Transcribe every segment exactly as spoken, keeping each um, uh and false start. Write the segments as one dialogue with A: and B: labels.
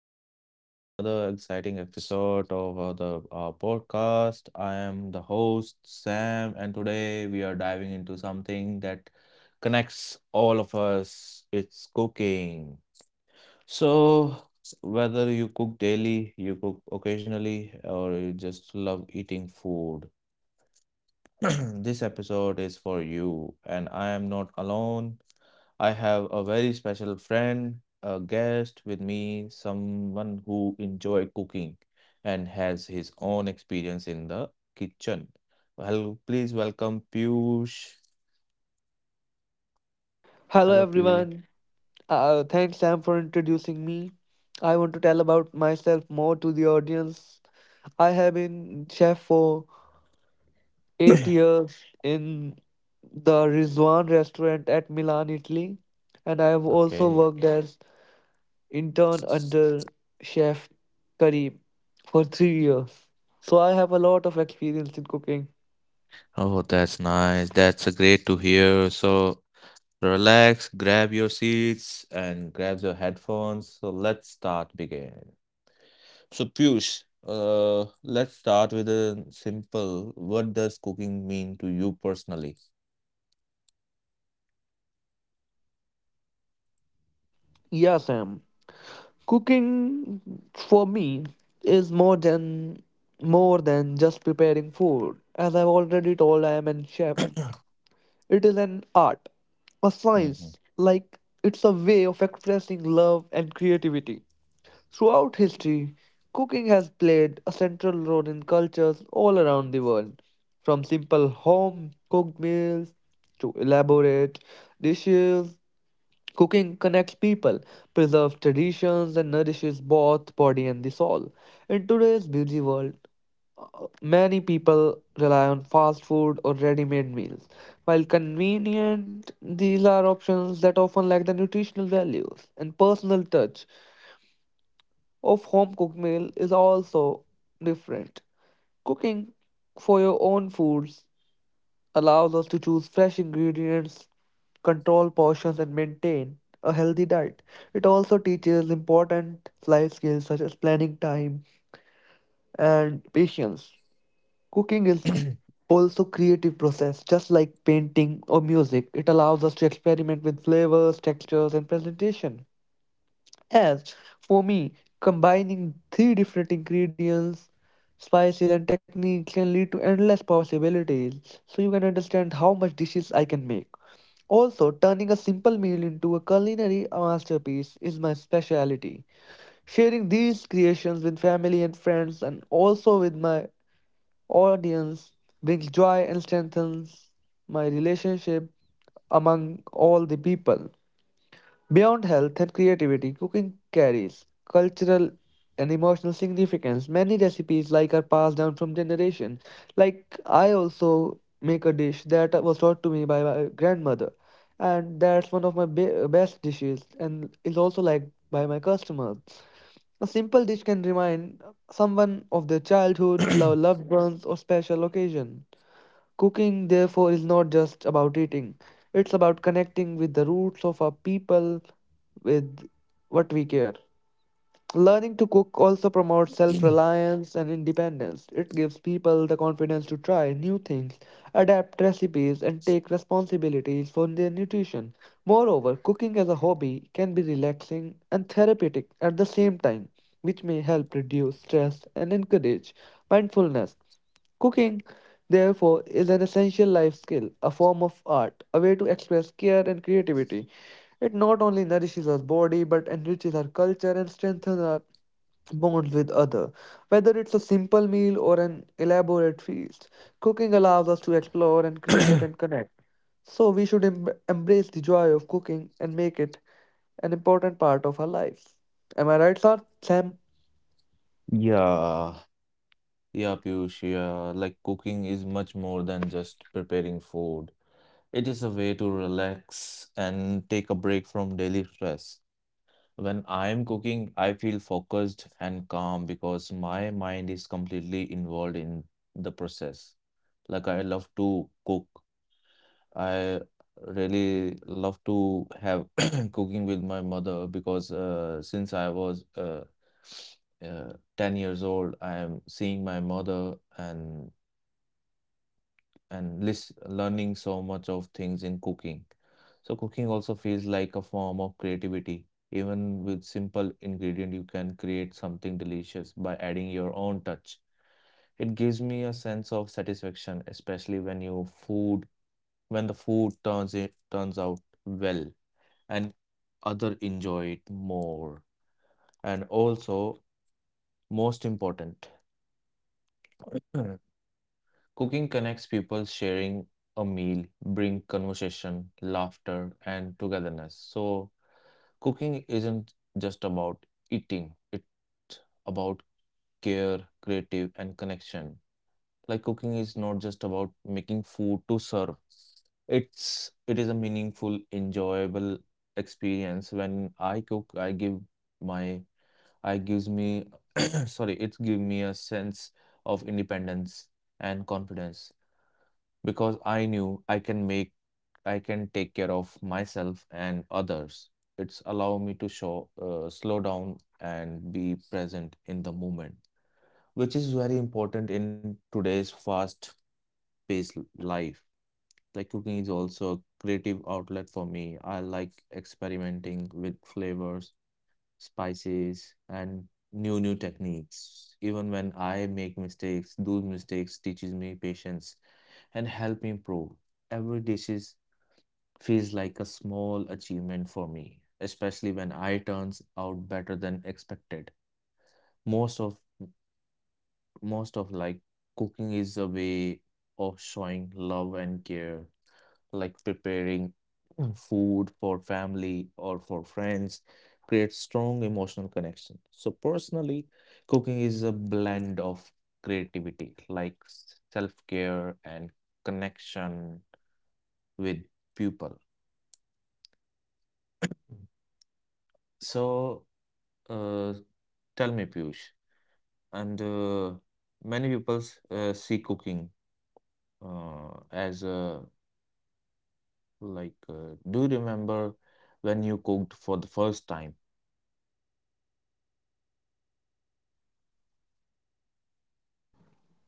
A: Welcome back to another exciting episode of uh, the uh, podcast. I am the host, Sam, and today we are diving into something that connects all of us. It's cooking. So, whether you cook daily, you cook occasionally, or you just love eating food, this episode is for you, and I am not alone. I have a very special friend, a guest with me, someone who enjoy cooking and has his own experience in the kitchen. Hello, please welcome Piyush. Hello,
B: Hello
A: Piyush.
B: everyone. Uh, thanks Sam for introducing me. I want to tell about myself more to the audience. I have been chef for eight years in the Rizwan restaurant at Milan, Italy, and I have also
A: Okay.
B: worked as intern under chef Karim for three years. So I have a lot of experience in cooking.
A: Oh, that's nice. That's uh, great to hear. So relax, grab your seats and grab your headphones. So let's start begin. So, Piyush, uh, let's start with a simple. What does cooking mean to you personally?
B: Yeah, Sam. Cooking for me is more than more than just preparing food. As I've already told, I am a chef. It is an art, a
A: Hmm.
B: science. Like it's a way of expressing love and creativity. Throughout history, cooking has played a central role in cultures all around the world, from simple home cooked meals to elaborate dishes. Cooking connects people, preserves traditions, and nourishes both body and the soul. In today's busy world, uh, many people rely on fast food or ready-made meals. While convenient, these are options that often lack the nutritional values and personal touch of home-cooked meal is also different. Cooking for your own foods allows us to choose fresh ingredients, control portions, and maintain a healthy diet. It also teaches important life skills such as planning time and patience. Cooking is also creative process just like painting or music, it allows us to experiment with flavors, textures, and presentation. As for me, combining three different ingredients, spices, and techniques can lead to endless possibilities, so you can understand how much dishes I can make. Also, turning a simple meal into a culinary masterpiece is my specialty. Sharing these creations with family and friends and also with my audience brings joy and strengthens my relationship among all the people. Beyond health and creativity, cooking carries cultural and emotional significance. Many recipes like are passed down from generation. Like I also make a dish that was taught to me by my grandmother, and that's one of my be- best dishes, and is also liked by my customers. A simple dish can remind someone of their childhood, lo- loved ones, or special occasion. Cooking, therefore, is not just about eating, it's about connecting with the roots of our people, with what we care. Learning to cook also promotes self reliance and independence. It gives people the confidence to try new things, adapt recipes, and take responsibilities for their nutrition. Moreover, cooking as a hobby can be relaxing and therapeutic at the same time, which may help reduce stress and encourage mindfulness. Cooking, therefore, is an essential life skill, a form of art, a way to express care and creativity. It not only nourishes our body but enriches our culture and strengthens our bonds with other. Whether it's a simple meal or an elaborate feast, cooking allows us to explore and create and connect. So we should em- embrace the joy of cooking and make it an important part of our life. Am I right, Sar? Sam?
A: Yeah, yeah, Piyush, yeah. Like cooking is much more than just preparing food. It is a way to relax and take a break from daily stress. When I am cooking, I feel focused and calm because my mind is completely involved in the process. Like I love to cook I really love to have cooking with my mother because uh, since I was uh, uh, ten years old, I am seeing my mother and and lis learning so much of things in cooking. So cooking also feels like a form of creativity. Even with simple ingredient, you can create something delicious by adding your own touch. It gives me a sense of satisfaction, especially when your food when the food turns it turns out well and other enjoy it more, and also most important, cooking connects people, sharing a meal bring conversation, laughter and togetherness. So cooking isn't just about eating, it's about care, creative and connection. Like cooking is not just about making food to serve. It's it is a meaningful, enjoyable experience. When I cook, I give my I gives me sorry, it give me a sense of independence and confidence because I knew I can make I can take care of myself and others. It's allow me to show uh, slow down and be present in the moment, which is very important in today's fast based life. Like cooking is also a creative outlet for me. I like experimenting with flavors, spices, and new new techniques. Even when I make mistakes, those mistakes teaches me patience and help me improve. Every dishes feels like a small achievement for me, especially when I turns out better than expected. Most of most of like cooking is a way of showing love and care, like preparing food for family or for friends creates strong emotional connection. So personally, cooking is a blend of creativity, like self-care and connection with people. So, uh, tell me, Piyush, and uh, many people uh, see cooking uh, as a like. Uh, do you remember when you cooked for the first time?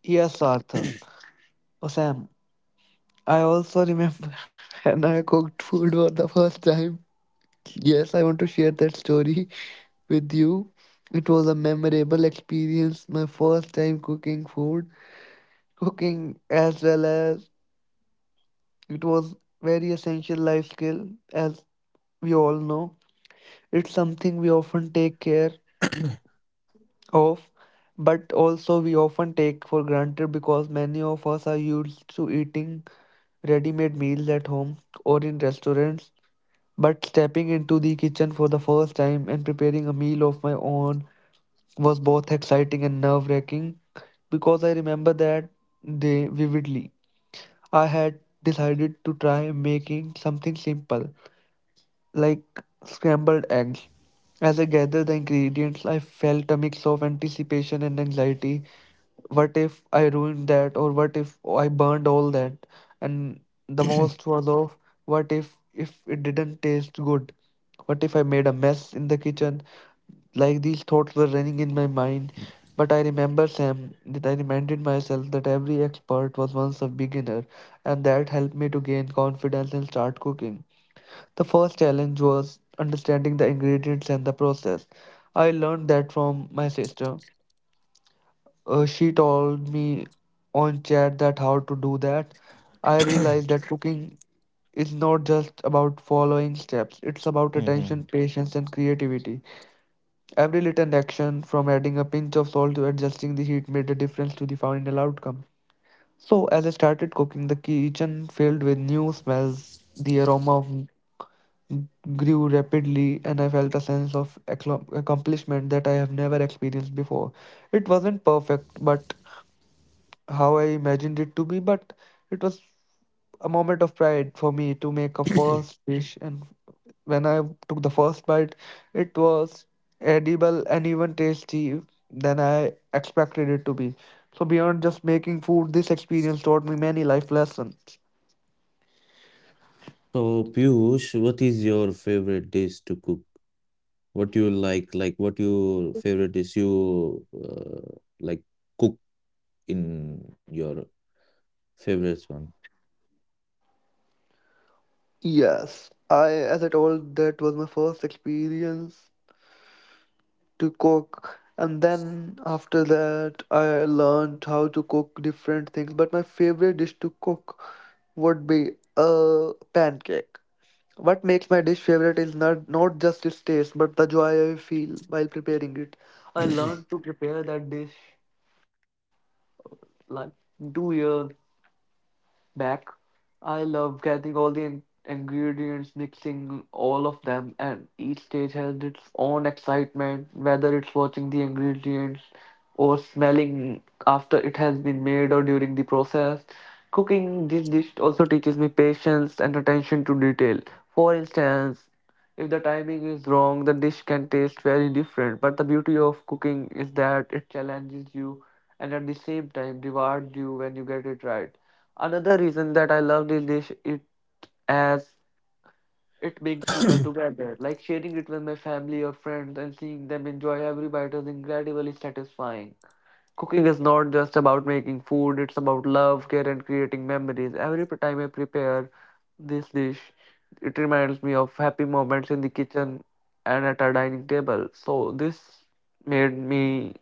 B: Yes, Sarthak. Or Sam? I also remember when I cooked food for the first time. Yes, I want to share that story with you. It was a memorable experience, my first time cooking food. Cooking, as well as it was very essential life skill, as we all know. It's something we often take care of, but also we often take for granted because many of us are used to eating ready-made meals at home or in restaurants. But stepping into the kitchen for the first time and preparing a meal of my own was both exciting and nerve-wracking because I remember that day vividly. I had decided to try making something simple, like scrambled eggs. As I gathered the ingredients, I felt a mix of anticipation and anxiety. What if I ruined that, or what if I burned all that? And the most was of what if if it didn't taste good? What if I made a mess in the kitchen? Like these thoughts were running in my mind, but I remember Sam that I reminded myself that every expert was once a beginner, and that helped me to gain confidence and start cooking. The first challenge was understanding the ingredients and the process. I learned that from my sister. Uh, she told me on chat that how to do that. I realized that cooking is not just about following steps, it's about
A: Mhm.
B: attention, patience, and creativity. Every little action, from adding a pinch of salt to adjusting the heat, made a difference to the final outcome. So, as I started cooking, the kitchen filled with new smells. The aroma of grew rapidly, and I felt a sense of accla- accomplishment that I have never experienced before. It wasn't perfect, but how I imagined it to be, but it was a moment of pride for me to make a first dish, and when I took the first bite, it was edible and even tasty than I expected it to be. So beyond just making food, this experience taught me many life lessons.
A: So, Piyush, what is your favorite dish to cook? What you like, like what your favorite dish you uh, like cook in your favorite one?
B: Yes, I as I told that was my first experience to cook, and then after that I learned how to cook different things, but my favorite dish to cook would be a pancake. What makes my dish favorite is not, not just its taste, but the joy I feel while preparing it. I learned to prepare that dish like two years back. I love getting all the in- ingredients, mixing all of them, and each stage has its own excitement, whether it's watching the ingredients or smelling after it has been made or during the process. Cooking this dish also teaches me patience and attention to detail. For instance, if the timing is wrong, the dish can taste very different. But the beauty of cooking is that it challenges you and at the same time rewards you when you get it right. Another reason that I love this dish is as it brings people together. Like sharing it with my family or friends and seeing them enjoy every bite is incredibly satisfying. Cooking is not just about making food, it's about love, care and creating memories. Every time I prepare this dish, it reminds me of happy moments in the kitchen and at our dining table. So this made me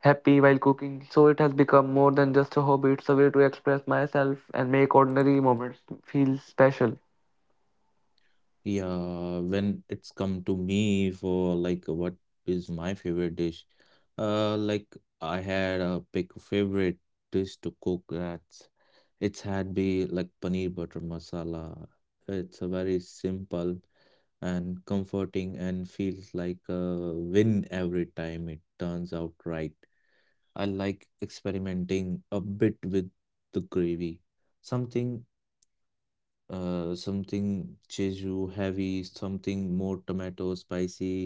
B: happy while cooking. So it has become more than just a hobby, it's a way to express myself and make ordinary moments feel special.
A: Yeah, when it's come to me for like what is my favorite dish, uh, like I had a big favorite dish to cook that's it's had be like paneer butter masala. It's a very simple. And comforting and feels like a win every time it turns out right. I like experimenting a bit with the gravy. Something uh something cheju heavy, something more tomato spicy,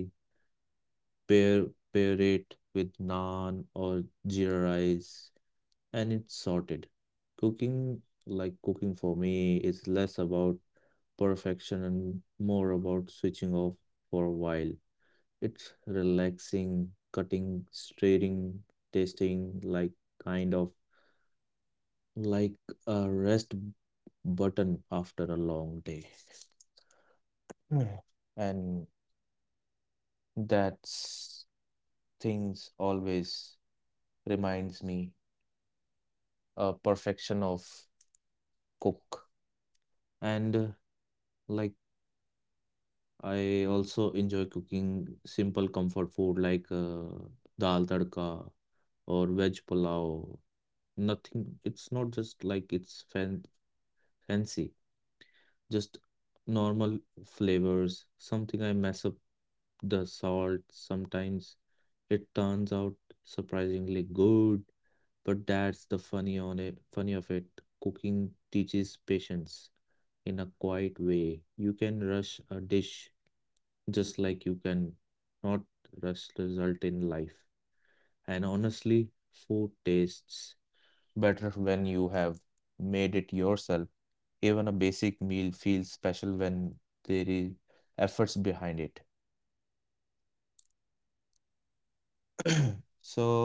A: pair pair it with naan or jeera rice and it's sorted. Cooking like cooking for me is less about perfection and more about switching off for a while. It's relaxing, cutting, stirring, tasting, like kind of like a rest button after a long day. Mm. And that's things always reminds me a perfection of cook. And uh, like I also enjoy cooking simple comfort food like uh, dal tadka or veg pulao. Nothing, it's not just like it's fan fancy, just normal flavors. Something I mess up the salt sometimes. It turns out surprisingly good, but that's the funny on it, funny of it. Cooking teaches patience in a quiet way. You can rush a dish just like you can not rush result in life. And honestly, food tastes better when you have made it yourself. Even a basic meal feels special when there is efforts behind it. So,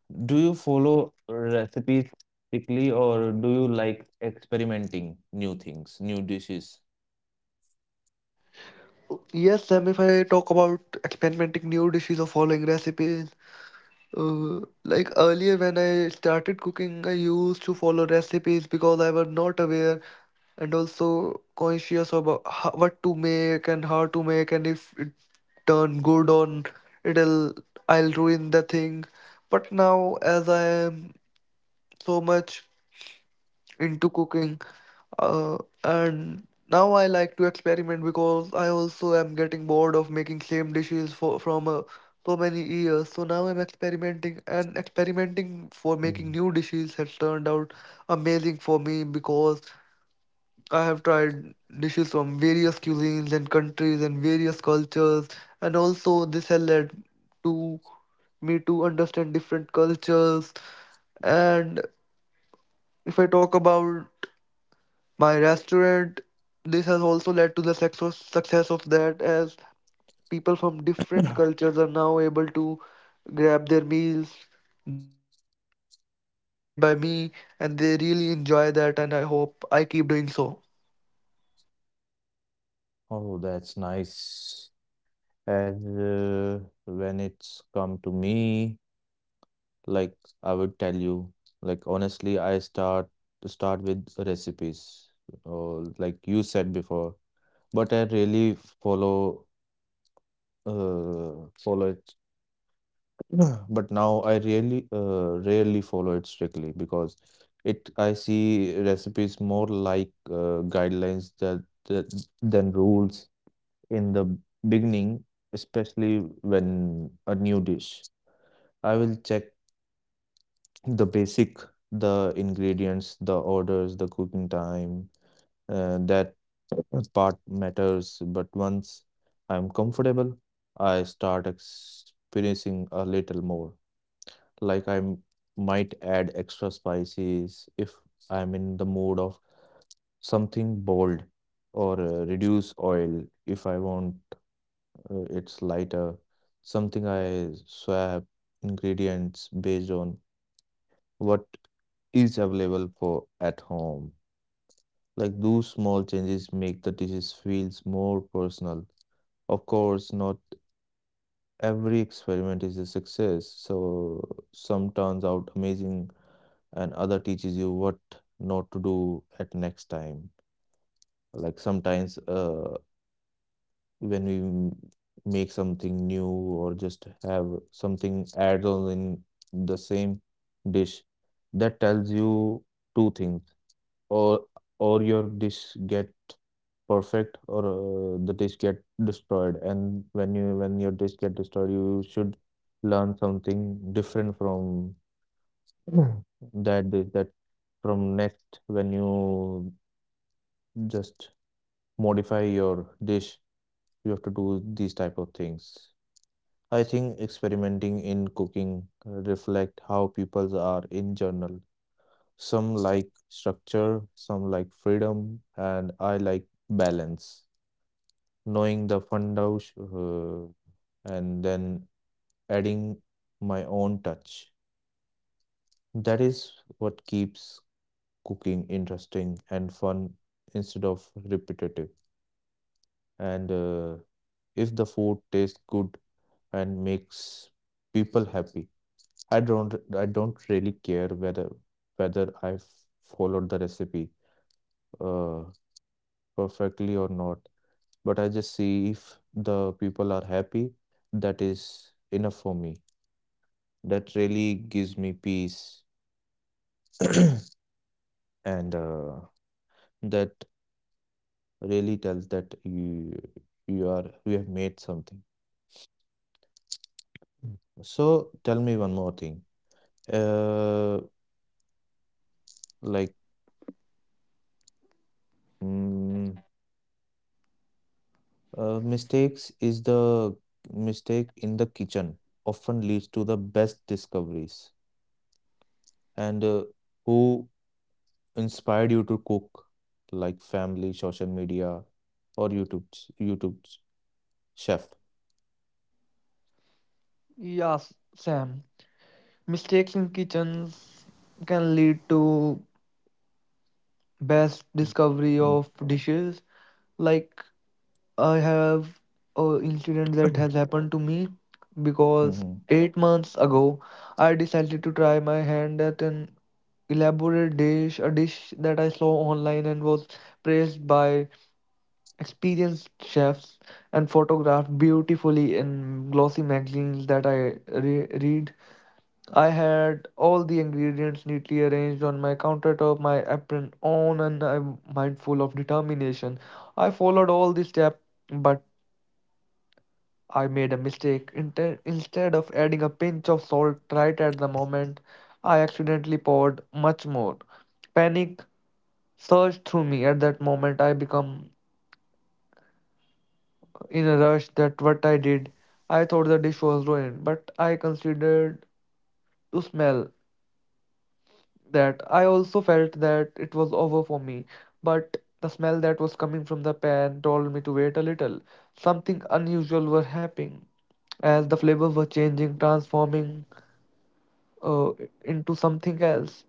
A: do you follow recipes strictly or do you like experimenting new things, new dishes?
B: Yes, Sam, if I talk about experimenting new dishes or following recipes, uh, like earlier when I started cooking, I used to follow recipes because I was not aware and also conscious about how, what to make and how to make, and if it turned good on it'll I'll ruin the thing. But now as I am so much into cooking uh, and now I like to experiment because I also am getting bored of making same dishes for from uh, so many years, so now I'm experimenting, and experimenting for
A: Mhm.
B: making new dishes has turned out amazing for me because I have tried dishes from various cuisines and countries and various cultures, and also this has led to me to understand different cultures. And if I talk about my restaurant, this has also led to the success success of that as people from different cultures are now able to grab their meals that are made by me, and they really enjoy that, and I hope I keep doing so.
A: Oh, that's nice. As uh, when it's come to me, like I would tell you, like honestly, I start start with recipes, or like you said before. But I really follow uh, follow it. But now I really uh, rarely follow it strictly because it I see recipes more like uh, guidelines that, that than rules in the beginning, especially when a new dish. I will check the basic, the ingredients, the orders, the cooking time, uh, that part matters, but once I'm comfortable, I start experiencing a little more. Like I m- might add extra spices if I'm in the mood of something bold, or uh, reduce oil if I want uh, it's lighter. Something I swap ingredients based on what is available for at home. Like those small changes make the dishes feels more personal. Of course, not every experiment is a success, so some turns out amazing and other teaches you what not to do at next time. Like sometimes uh, when we m- make something new or just have something add on in the same dish, that tells you two things, or or your dish get perfect or uh, the dish get destroyed. And when you when your dish get destroyed you should learn something different from Mm. that dish that from next when you just modify your dish you have to do these type of things. I think experimenting in cooking uh, reflect how people are in general. Some like structure, some like freedom, and I like balance, knowing the fundaus uh, and then adding my own touch. That is what keeps cooking interesting and fun instead of repetitive. And uh, if the food tastes good and makes people happy, I don't I don't really care whether whether I followed the recipe uh, perfectly or not. But I just see if the people are happy, that is enough for me. That really gives me peace, and uh, that really tells that you you are you have made something. Mm. So tell me one more thing. Uh, like mm, uh, mistakes is the mistake in the kitchen often leads to the best discoveries. And uh, who inspired you to cook? Like family, social media, or YouTube YouTube chef.
B: Yes, Sam. Mistakes in kitchens can lead to best
A: Mm.
B: discovery of dishes. Like I have a incident that has happened to me
A: Mhm.
B: because eight months ago I decided to try my hand at an elaborate dish, a dish that I saw online and was praised by experienced chefs and photographed beautifully in glossy magazines that I re- read. I had all the ingredients neatly arranged on my countertop, my apron on, and I'm mindful of determination. I followed all the steps but I made a mistake. Inte- Instead of adding a pinch of salt right at the moment, I accidentally poured much more. Panic surged through me at that moment. I became in a rush that what I did. I thought the dish was ruined, but I considered to smell that. I also felt that it was over for me, but the smell that was coming from the pan told me to wait a little. Something unusual was happening as the flavors were changing, transforming uh, into something else.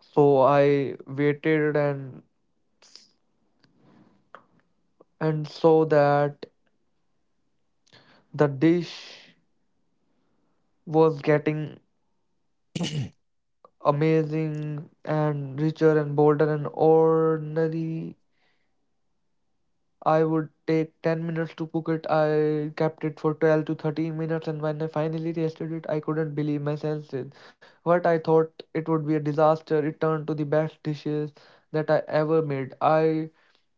B: So I waited, and and saw that the dish was getting amazing and richer and bolder and ordinary. I would take ten minutes to cook it. I kept it for twelve to thirteen minutes, and when I finally tasted it, I couldn't believe my senses. What I thought it would be a disaster, it turned to the best dishes that I ever made. I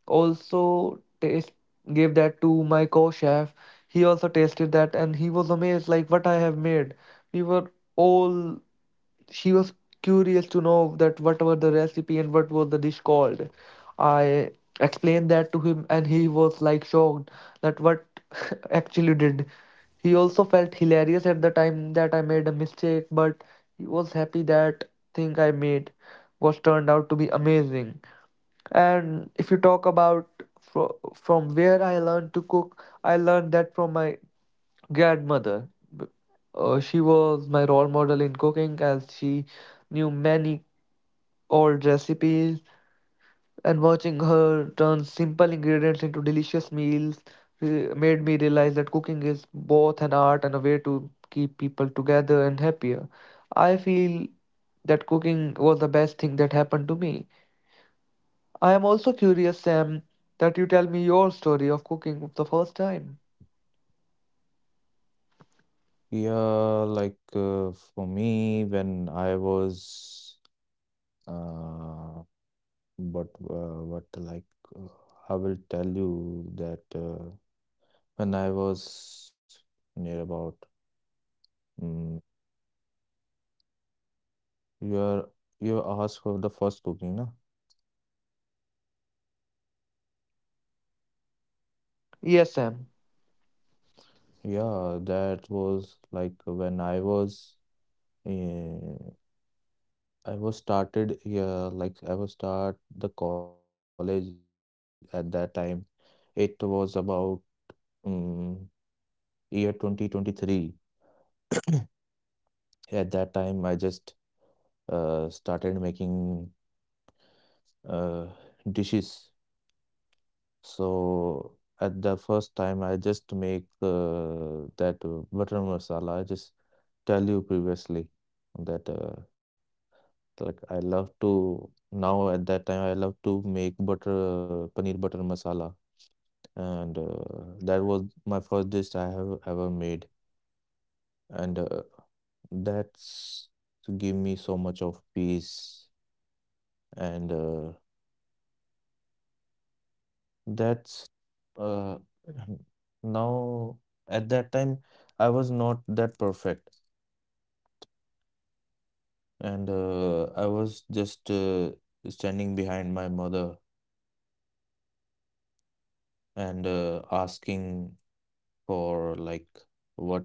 B: also taste gave that to my co-chef. He also tasted that and he was amazed like what I have made. We were all she was curious to know that what were the recipe and what was the dish called. I explained that to him and he was like shocked that what actually did. He also felt hilarious at the time that I made a mistake, but he was happy that thing I made was turned out to be amazing. And if you talk about fro from where I learned to cook, I learned that from my grandmother. B- Uh, she was my role model in cooking, as she knew many old recipes, and watching her turn simple ingredients into delicious meals re- made me realize that cooking is both an art and a way to keep people together and happier. I feel that cooking was the best thing that happened to me. I am also curious, Sam, that you tell me your story of cooking the first time.
A: Yeah, like uh, for me, when I was, uh, but uh, what like uh, I will tell you that uh, when I was near about, mm you are you asked for the first cooking, na?
B: Yes, Sam.
A: Yeah, that was like when I was, uh, I was started, yeah, like I was start the college at that time. It was about um, year twenty twenty-three. Yeah, at that time, I just uh, started making uh, dishes. So at the first time, I just make uh, that uh, butter masala. I just tell you previously that uh, like I love to now at that time I love to make butter paneer butter masala, and uh, that was my first dish I have ever made, and uh, that's give me so much of peace and. Uh, That's uh now at that time I was not that perfect and uh, I was just uh, standing behind my mother and uh, asking for like what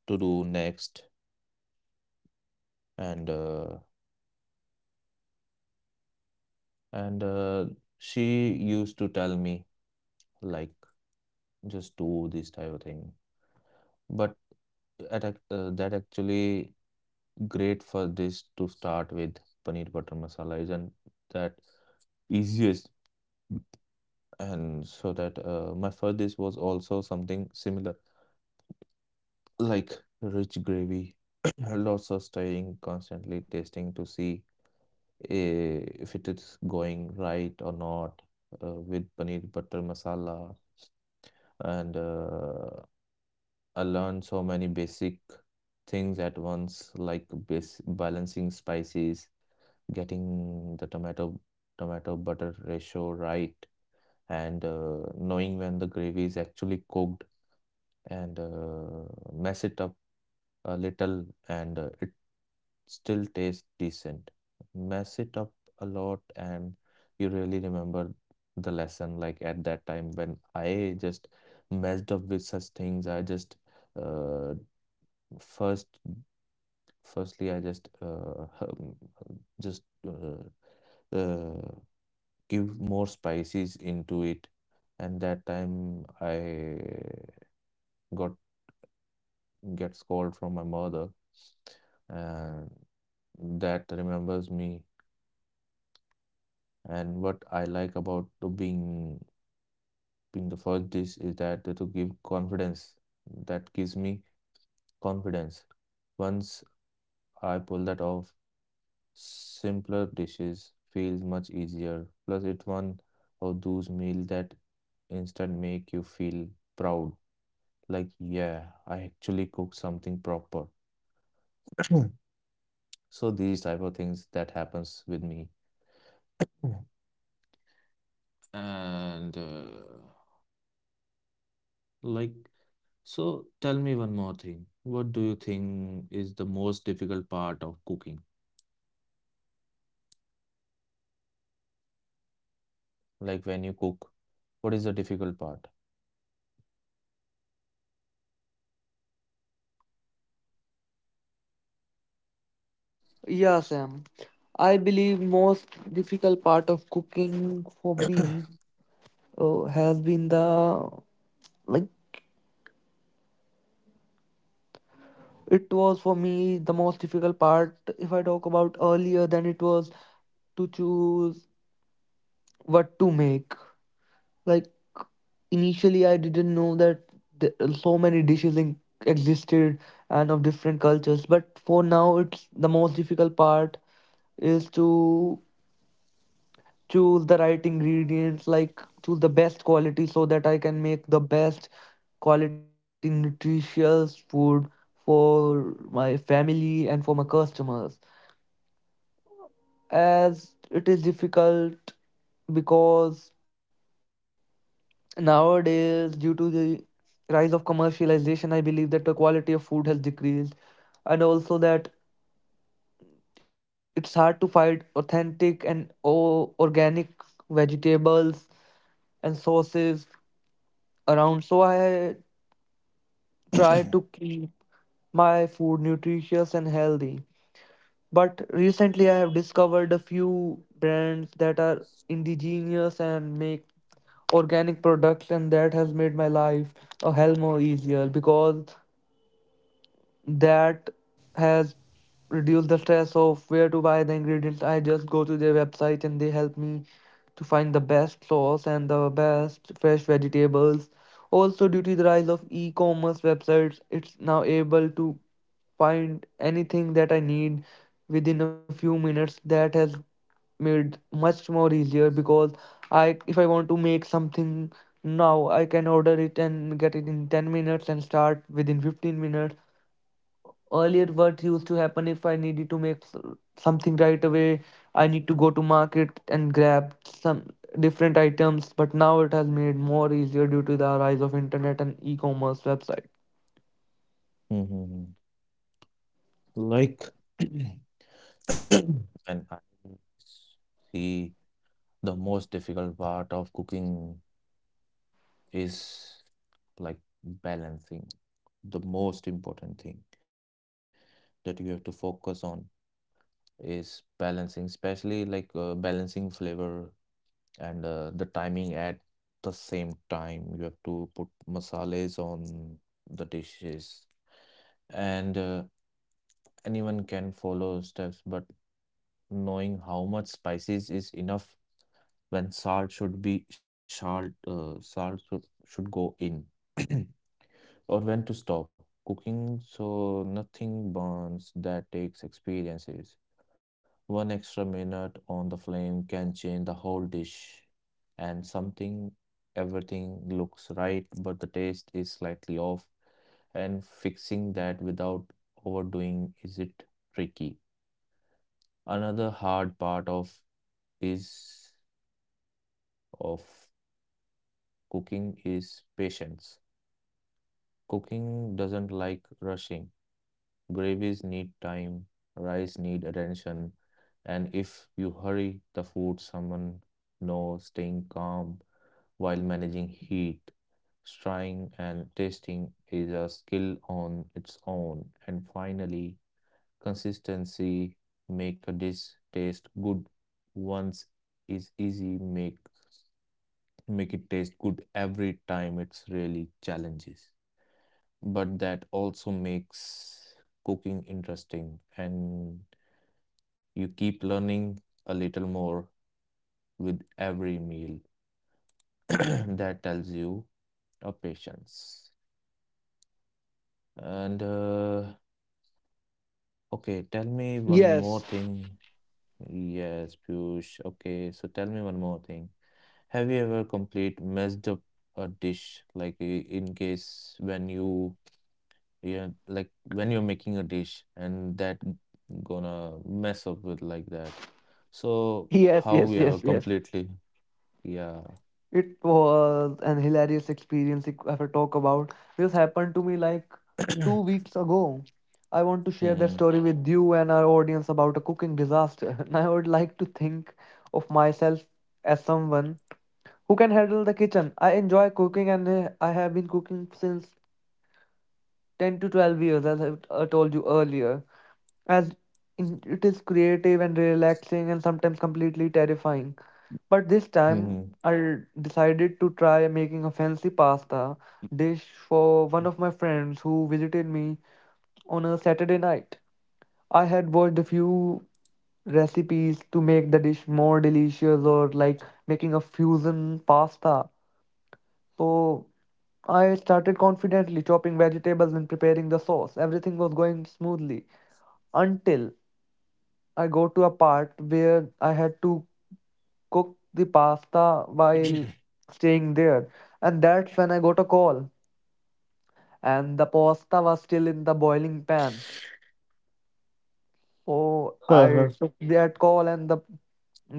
A: to do next and uh, and uh, she used to tell me like just do this type of thing, but at ac- uh, that actually great for this to start with paneer butter masala isn't that easiest. And so that uh, my first dish was also something similar, like rich gravy, lots of stirring, constantly tasting to see eh, if it is going right or not uh, with paneer butter masala. And uh, I learned so many basic things at once, like base balancing spices, getting the tomato tomato butter ratio right and uh, knowing when the gravy is actually cooked and uh, mess it up a little and uh, it still tastes decent. Mess it up a lot and you really remember the lesson. Like at that time when I just messed up with such things, I just uh, first firstly I just uh, just uh, uh, give more spices into it. And that time I got get scold from my mother, and that remembers me. And what I like about the being being the first dish is that to give confidence. That gives me confidence. Once I pull that off, simpler dishes feels much easier. Plus, it's one of those meals that instant make you feel proud like yeah I actually cook something proper so these type of things that happens with me. Mhm. and uh, like so Tell me one more thing, what do you think is the most difficult part of cooking? Like when you cook, what is the difficult part?
B: Yeah, Sam. I believe most difficult part of cooking for me uh, has been the, like, it was for me the most difficult part. If I talk about earlier, then it was to choose what to make. Like, initially, I didn't know that th- so many dishes in- existed, and of different cultures. But for now, it's the most difficult part is to choose the right ingredients, like choose the best quality, so that I can make the best quality nutritious food for my family and for my customers. As it is difficult because nowadays, due to the rise of commercialization, I believe that the quality of food has decreased, and also that it's hard to find authentic and o- organic vegetables and sauces around. So I try to keep my food nutritious and healthy. But recently, I have discovered a few brands that are indigenous and make organic products, and that has made my life a hell more easier because that has reduced the stress of where to buy the ingredients. I just go to their website and they help me to find the best sauce and the best fresh vegetables. Also, due to the rise of e commerce websites, it's now able to find anything that I need within a few minutes. That has made much more easier because I if I want to make something now, I can order it and get it in ten minutes and start within fifteen minutes. Earlier, what used to happen, if I needed to make s- something right away, I need to go to market and grab some different items, but now it has made more easier due to the rise of internet and e-commerce website.
A: hmm like and i see the most difficult part of cooking is like balancing. The most important thing that you have to focus on is balancing, especially like uh, balancing flavor and uh, the timing at the same time. You have to put masales on the dishes, and uh, anyone can follow steps, but knowing how much spices is enough, when salt should be salt uh, salt should, should go in, or when to stop cooking so nothing burns, that takes experiences. One extra minute on the flame can change the whole dish, and something everything looks right, but the taste is slightly off, and fixing that without overdoing is it tricky. Another hard part of is of cooking is patience. Cooking doesn't like rushing. Gravies need time, rice need attention, and if you hurry the food, someone knows. Staying calm while managing heat, stirring and tasting is a skill on its own. And finally, consistency. Make a dish taste good once is easy, make make it taste good every time. It's really challenges, but that also makes cooking interesting and you keep learning a little more with every meal. That tells you a patience and uh, okay, tell me one
B: Yes.
A: more thing. Yes, Piyush, okay, so tell me one more thing. Have you ever complete messed up a dish like i- in case when you? Yeah, like when you're making a dish and that g- gonna mess up with like that. So
B: Yes, yes,
A: how
B: yes,
A: we have
B: yes.
A: a completely, yeah.
B: It was an hilarious experience, if if I talk about. This happened to me like two weeks ago. I want to share that story
A: Hmm.
B: with you and our audience about a cooking disaster. And I would like to think of myself as someone who can handle the kitchen. I enjoy cooking, and uh, I have been cooking since ten to twelve years, as I uh, told you earlier. As in, it is creative and relaxing and sometimes completely terrifying. But this time,
A: Hmm.
B: I decided to try making a fancy pasta dish for one of my friends who visited me on a Saturday night. I had watched a few recipes to make the dish more delicious, or like making a fusion pasta. So I started confidently chopping vegetables and preparing the sauce. Everything was going smoothly until I got to a part where I had to cook the pasta while staying there. And that's when I got a call, and the pasta was still in the boiling pan. So I took
A: Uh-huh.
B: that call and the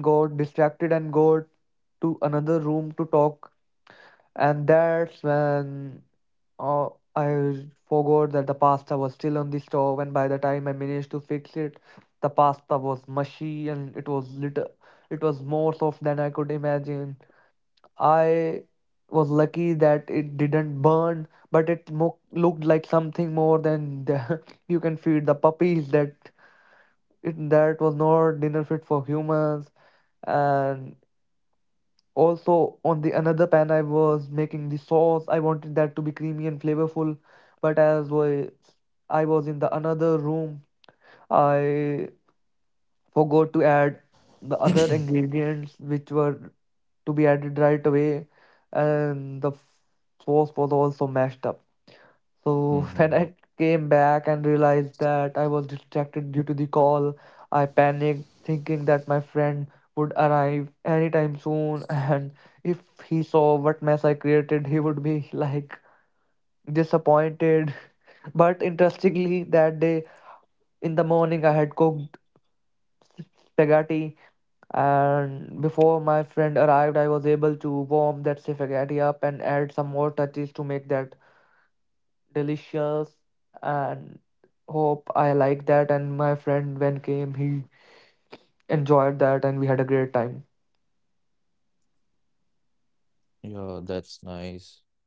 B: got distracted and got to another room to talk. And that's when, oh, I forgot that the pasta was still on the stove, and by the time I managed to fix it, the pasta was mushy, and it was little, it was more soft than I could imagine. I was lucky that it didn't burn, but it mo looked like something more than the, you can feed the puppies. That it, that was not dinner fit for humans. And also, on the another pan, I was making the sauce. I wanted that to be creamy and flavorful, but as was I was in the another room, I forgot to add the other ingredients which were to be added right away, and the f- sauce was also mashed up. So when I
A: Hmm.
B: came back and realized that I was distracted due to the call, I panicked, thinking that my friend would arrive anytime soon. And if he saw what mess I created, he would be like disappointed. But interestingly, that day in the morning, I had cooked spaghetti. And before my friend arrived, I was able to warm that spaghetti up and add some more touches to make that delicious, and hope I like that, and my friend when came, he enjoyed that, and we had a great time.
A: Yeah, that's nice. I will,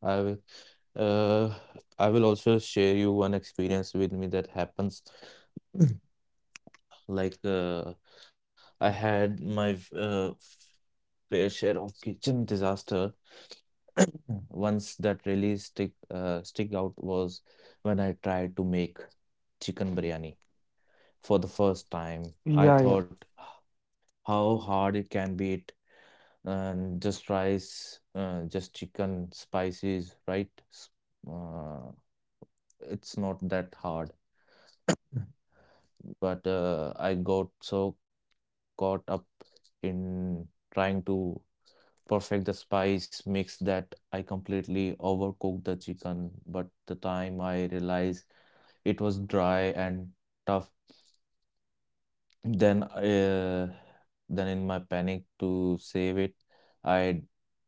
A: uh, I will also share you one experience with me that happens. Like, uh, I had my uh, fair share of kitchen disaster. Mm. Ones that really stick uh, stick out was when I tried to make chicken biryani for the first
B: Yeah,
A: time.
B: yeah.
A: I thought how hard it can be it, and just rice, uh, just chicken, spices, right? S- Uh, it's not that hard, but uh, I got so caught up in trying to perfect the spice mix that I completely overcooked the chicken. But the time I realized, it was dry and tough. Then, uh, then in my panic to save it, I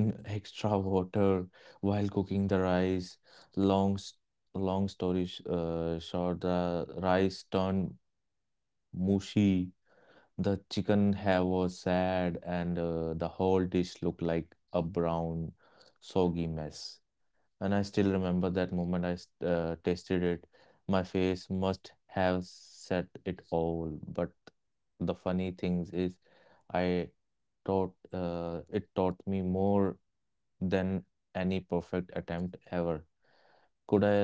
A: dumped in extra water while cooking the rice. Long, s- Long story sh- uh, short, the rice turned mushy. The chicken hair was sad, and uh, the whole dish looked like a brown, soggy mess. And I still remember that moment I s- uh, tasted it. My face must have said it all. But the funny things is, I taught uh, it taught me more than any perfect attempt ever.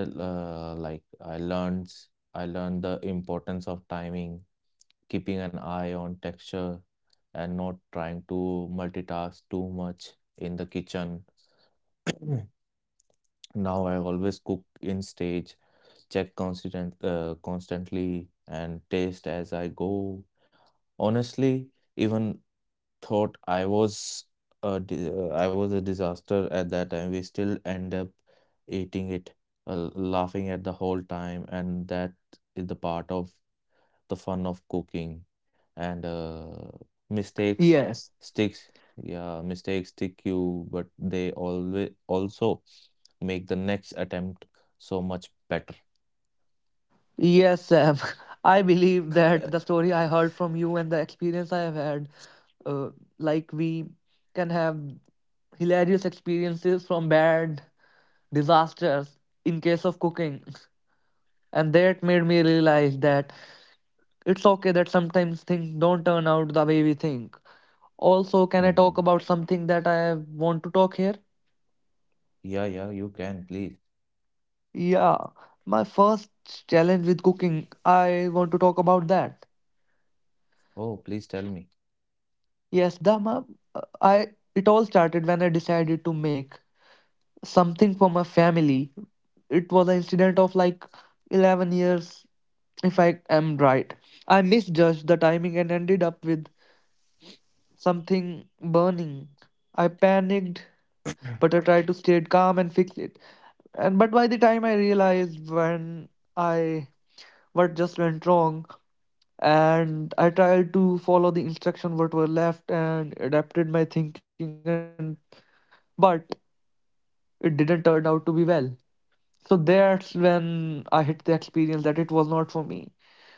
A: Could I uh, like I learned I learned the importance of timing, keeping an eye on texture, and not trying to multitask too much in the kitchen. Now I always cook in stage, check constant uh, constantly and taste as I go. Honestly, even thought I was a di- uh, I was a disaster at that time, we still end up eating it, uh, laughing at the whole time, and that is the part of the fun of cooking. And uh,
B: Yes.
A: mistakes sticks, yeah, mistakes stick you, but they always also make the next attempt so much better.
B: Yes, Sam. I believe that the story I heard from you and the experience I have had, uh, like, we can have hilarious experiences from bad disasters in case of cooking. And that made me realize that it's okay that sometimes things don't turn out the way we think. Also, can I talk about
A: Mhm.
B: something that I want to talk here?
A: Yeah, yeah, you can, please.
B: Yeah, my first challenge with cooking, I want to talk about that.
A: Oh, please tell me.
B: Yes, the ma- I, it all started when I decided to make something for my family. It was an incident of like eleven years, if I am right. I misjudged the timing and ended up with something burning. I panicked, but I tried to stay calm and fix it. And but by the time I realized when I what just went wrong, and I tried to follow the instruction what were left and adapted my thinking, and but it didn't turn out to be well. So that's when I hit the experience that it was not for me.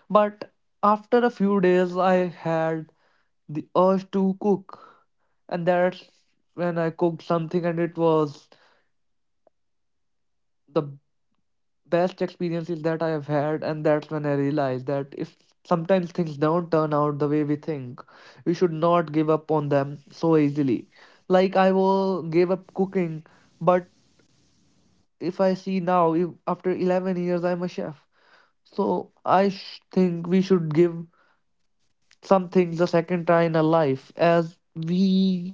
B: But after a few days, I had the urge to cook, and that's when I cooked something, and it was the best experiences that I have had. And that's when I realized that if sometimes things don't turn out the way we think, we should not give up on them so easily. Like, I will gave up cooking, but if I see now, if, after eleven years, I'm a chef. So I sh- think we should give some things a second try in our life, as we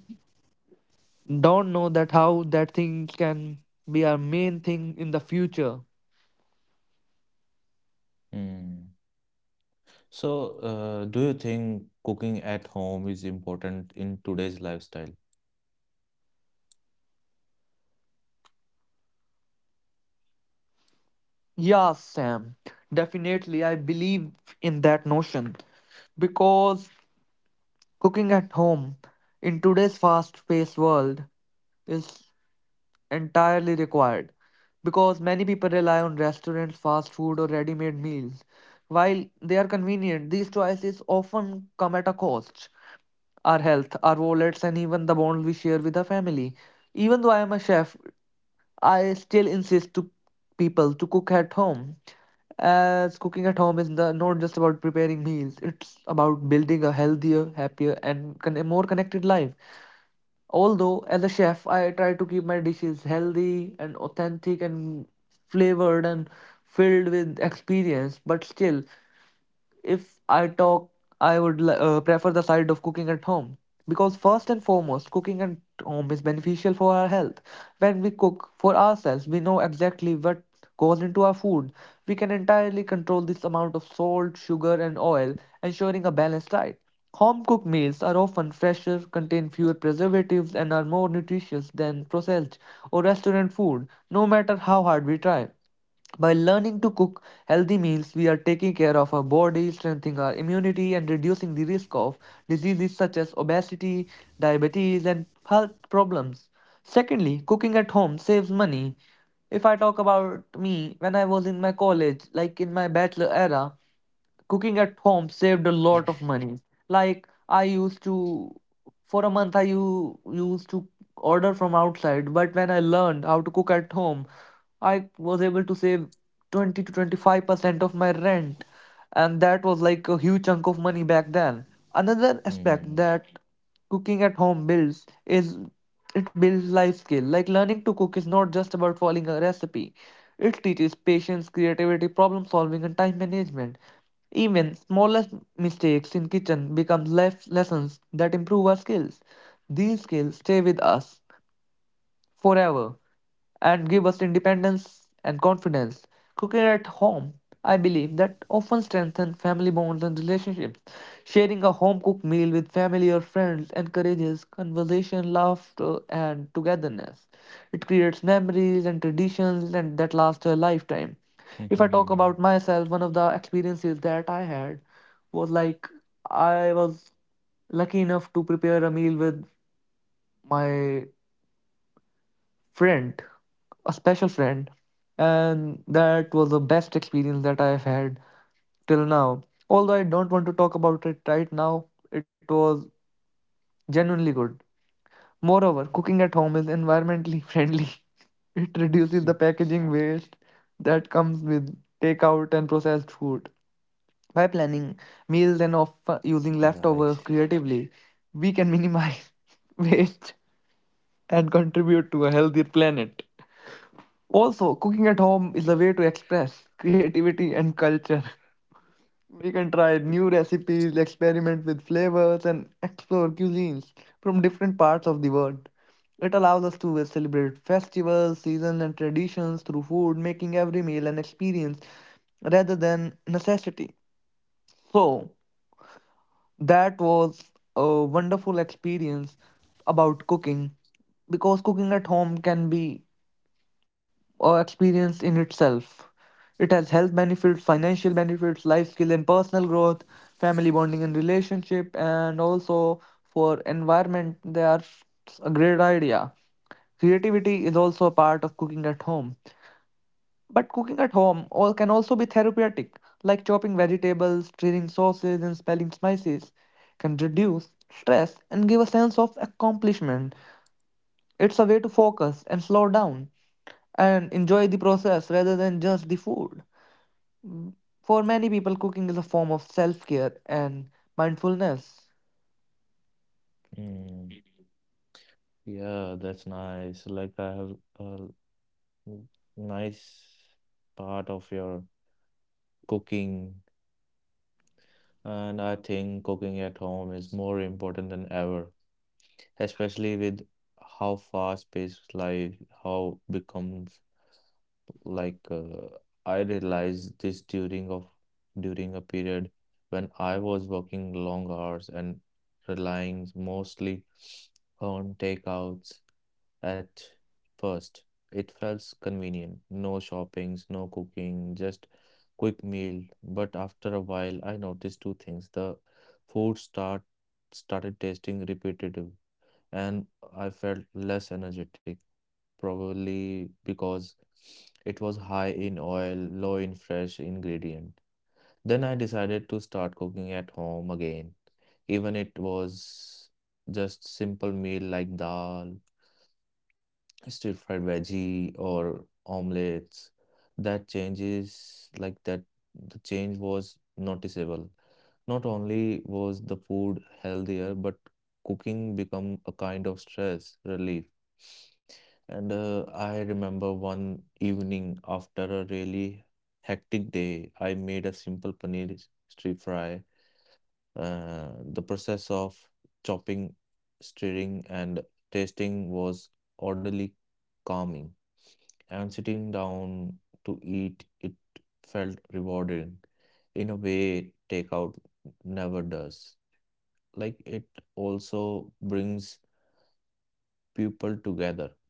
B: don't know that how that thing can be our main thing in the future.
A: Hmm. So, uh, do you think cooking at home is important in today's lifestyle?
B: Yeah, Sam, definitely. I believe in that notion because cooking at home in today's fast paced world is entirely required because many people rely on restaurants, fast food, or ready made meals. While they are convenient, these choices often come at a cost, our health, our wallets, and even the bond we share with our family. Even though I am a chef, I still insist to people to cook at home, as cooking at home is no- not just about preparing meals, it's about building a healthier, happier, and con- a more connected life. Although, as a chef, I try to keep my dishes healthy and authentic and flavored and filled with experience, but still, if I talk, I would uh, prefer the side of cooking at home because, first and foremost, cooking at home is beneficial for our health. When we cook for ourselves, we know exactly what goes into our food. We can entirely control this amount of salt, sugar, and oil, ensuring a balanced diet. Home cooked meals are often fresher, contain fewer preservatives, and are more nutritious than processed or restaurant food, no matter how hard we try. By learning to cook healthy meals, we are taking care of our body, strengthening our immunity, and reducing the risk of diseases such as obesity, diabetes, and health problems. Secondly, cooking at home saves money. If I talk about me, when I was in my college, like in my bachelor era, cooking at home saved a lot of money. Like, I used to, for a month, I u- used to order from outside, but when I learned how to cook at home, I was able to save twenty to twenty-five percent of my rent. And that was like a huge chunk of money back then. Another aspect that
A: Hmm.
B: cooking at home builds is it builds life skill. Like, learning to cook is not just about following a recipe, it teaches patience, creativity, problem solving, and time management. Even smallest mistakes in kitchen become life lessons that improve our skills. These skills stay with us forever and give us independence and confidence. Cooking at home, I believe, that often strengthens family bonds and relationships. Sharing a home cooked meal with family or friends encourages conversation, laughter, and togetherness. It creates memories and traditions and that last a lifetime. If I
A: Hmm.
B: talk about myself, one of the experiences that I had was like I was lucky enough to prepare a meal with my friend, a special friend. And that was the best experience that I have had till now. Although I don't want to talk about it right now, it was genuinely good. Moreover, cooking at home is environmentally friendly. It reduces the packaging waste that comes with takeout and processed food. By planning
A: Yeah,
B: meals and of
A: actually.
B: uh, using leftovers creatively, we can minimize waste and contribute to a healthier planet. Also, cooking at home is a way to express creativity and culture. We can try new recipes, experiment with flavors, and explore cuisines from different parts of the world. It allows us to celebrate festivals, seasons, and traditions through food, making every meal an experience rather than necessity. So, that was a wonderful experience about cooking, because cooking at home can be or experience in itself. It has health benefits, financial benefits, life skill and personal growth, family bonding and relationship, and also for environment, they are a great idea. Creativity is also a part of cooking at home. But cooking at home all can also be therapeutic, like chopping vegetables, stirring sauces, and spelling spices can reduce stress and give a sense of accomplishment. It's a way to focus and slow down and enjoy the process rather than just the food. For many people, cooking is a form of self care and mindfulness.
A: Mm. Yeah, that's nice. Like I have a l- nice part of your cooking, and I think cooking at home is more important than ever, especially with how fast-paced life how becomes like uh, I realized this during of during a period when I was working long hours and relying mostly on takeouts at first. It felt convenient, no shoppings, no cooking, just quick meal. But after a while, I noticed two things. The food start started tasting repetitive, and I felt less energetic, probably because it was high in oil, low in fresh ingredient. Then I decided to start cooking at home again. Even it was just simple meal like dal, stir fried veggie or omelets. That changes like that the change was noticeable. Not only was the food healthier, but cooking became a kind of stress relief. And uh, I remember one evening after a really hectic day, I made a simple paneer stir fry. Uh, the process of chopping, stirring, and tasting was orderly, calming, and sitting down to eat it felt rewarding in a way takeout never does. Like it also brings people together.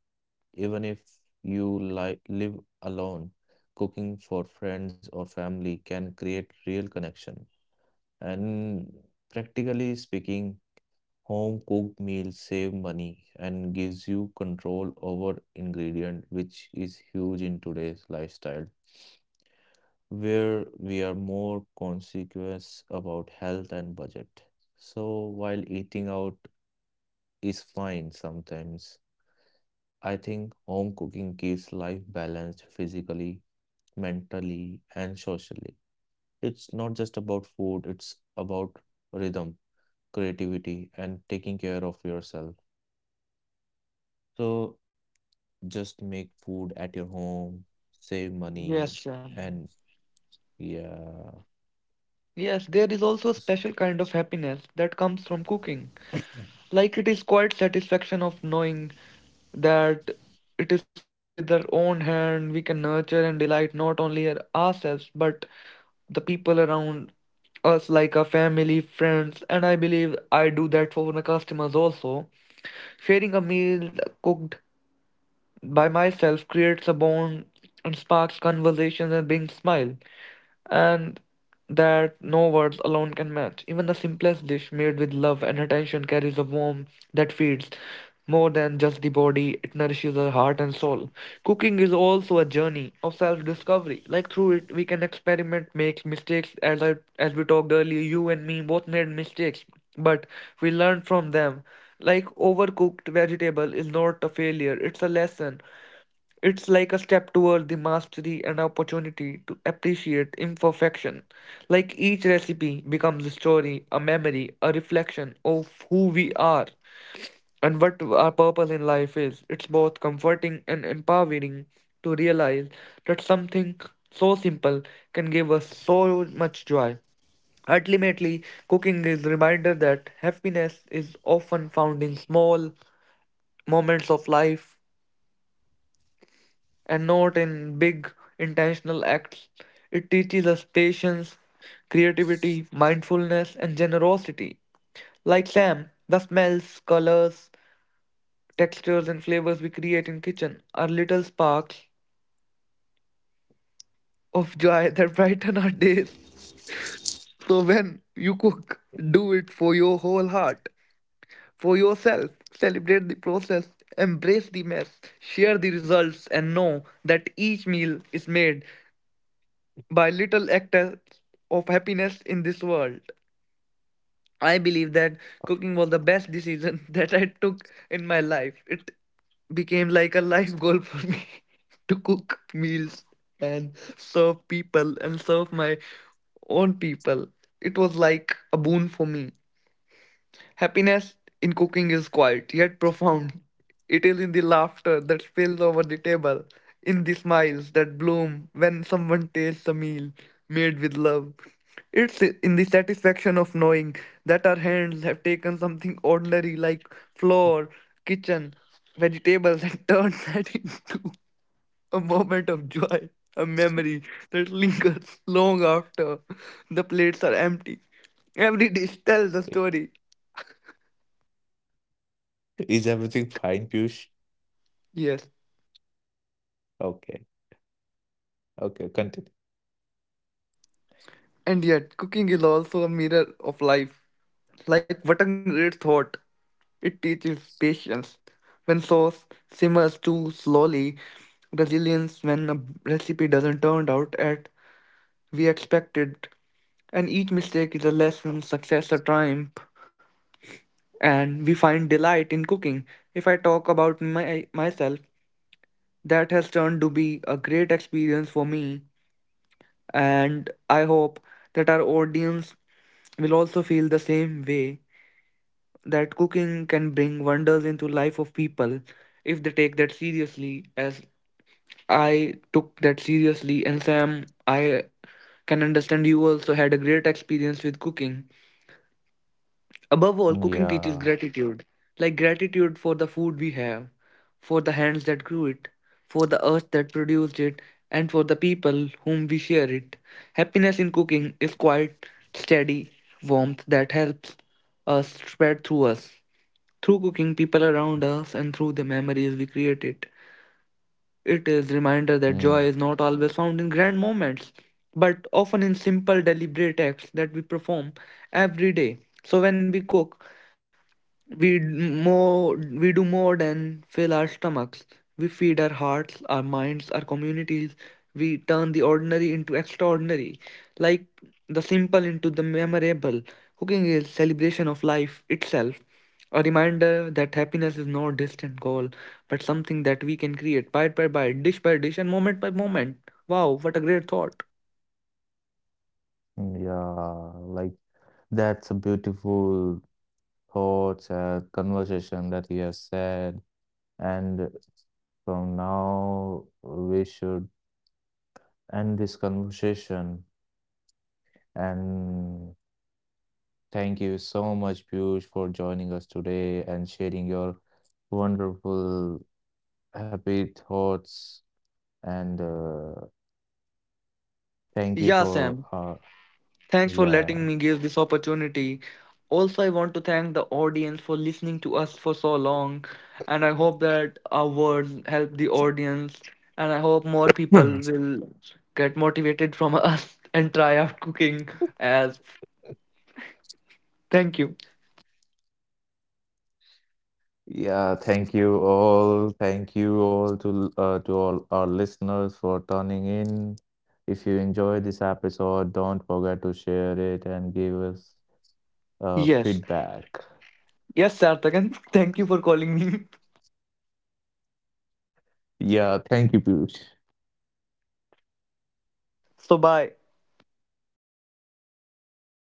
A: Even if you li live alone, cooking for friends or family can create real connection. And practically speaking, home cooked meals save money and gives you control over ingredient, which is huge in today's lifestyle, where we are more conscious about health and budget. So while eating out is fine sometimes, I think home cooking keeps life balanced physically, mentally, and socially. It's not just about food, it's about rhythm, creativity, and taking care of yourself. So just make food at your home, save
B: Yes,
A: money,
B: Shyam.
A: and yeah.
B: Yes, there is also a
A: s-
B: special kind of happiness that comes from cooking. Like it is quite satisfaction of knowing that it is cooked with our own hand. We can nurture and delight not only our- ourselves but the people around us, like our family, friends, and I believe I do that for my customers also. Sharing a meal cooked by myself creates a bond and sparks conversations and brings smile and that no words alone can match. Even the simplest dish made with love and attention carries a warmth that feeds more than just the body, it nourishes the heart and soul. Cooking is also a journey of self discovery. Like through it, we can experiment, make mistakes. As, I, as we talked earlier, you and me both made mistakes, but we learned from them. Like overcooked vegetable is not a failure, it's a lesson. It's like a step toward the mastery and opportunity to appreciate imperfection. Like each recipe becomes a story, a memory, a reflection of who we are and what our purpose in life is. It's both comforting and empowering to realize that something so simple can give us so much joy. Ultimately, cooking is a reminder that happiness is often found in small moments of life and not in big intentional acts. It teaches us patience, creativity, mindfulness, and generosity. Like Sam, the smells, colors, textures, and flavors we create in kitchen are little sparks of joy that brighten our days. So when you cook, do it for your whole heart, for yourself. Celebrate the process, embrace the mess, share the results, and know that each meal is made by little acts of happiness in this world. I believe that cooking was the best decision that I took in my life. It became like a life goal for me to cook meals and serve people and serve my own people. It was like a boon for me. Happiness in cooking is quiet yet profound. It is in the laughter that spills over the table, in the smiles that bloom when someone tastes a meal made with love. It's in the satisfaction of knowing that our hands have taken something ordinary like flour, kitchen, vegetables and turned that into a moment of joy, a memory that lingers long after the plates are empty. Every dish tells a story.
A: Is everything fine, Piyush?
B: Yes.
A: Okay. Okay, continue.
B: And yet, cooking is also a mirror of life. Like what a great thought! It teaches patience. When sauce simmers too slowly, resilience when a recipe doesn't turn out as we expected, and each mistake is a lesson, success a triumph, and we find delight in cooking. If I talk about my myself, that has turned to be a great experience for me and I hope that our audience will also feel the same way, that cooking can bring wonders into life of people if they take that seriously as I took that seriously. And Sam, I can understand you also had a great experience with cooking. Above all, cooking teaches
A: Yeah.
B: gratitude, like gratitude for the food we have, for the hands that grew it, for the earth that produced it, and for the people whom we share it. Happiness in cooking is quiet, steady warmth that helps us spread through us. Through cooking, people around us and through the memories we create it. It is reminder that joy
A: Mm.
B: is not always found in grand moments, but often in simple, deliberate acts that we perform every day. So when we cook, we d- more we do more than fill our stomachs. We feed our hearts, our minds, our communities. We turn the ordinary into extraordinary, like the simple into the memorable. Cooking is celebration of life itself, a reminder that happiness is no distant goal, but something that we can create bite by bite, dish by dish, and moment by moment. Wow, what a great thought!
A: Yeah. Like that's a beautiful thoughts and conversation that he has said. And from now we should end this conversation. And thank you so much, Piyush, for joining us today and sharing your wonderful happy thoughts. And uh, thank you
B: Yeah,
A: for
B: Sam.
A: uh,
B: Thanks for
A: yeah.
B: letting me give this opportunity. Also, I want to thank the audience for listening to us for so long, and I hope that our words help the audience, and I hope more people will get motivated from us and try out cooking as thank you.
A: Yeah, thank you all. Thank you all to uh, to all our listeners for tuning in. If you enjoyed this episode, don't forget to share it and give us uh,
B: Yes.
A: feedback.
B: Yes, Sartakan, thank you for calling me.
A: Yeah, thank you, Piyush.
B: So bye.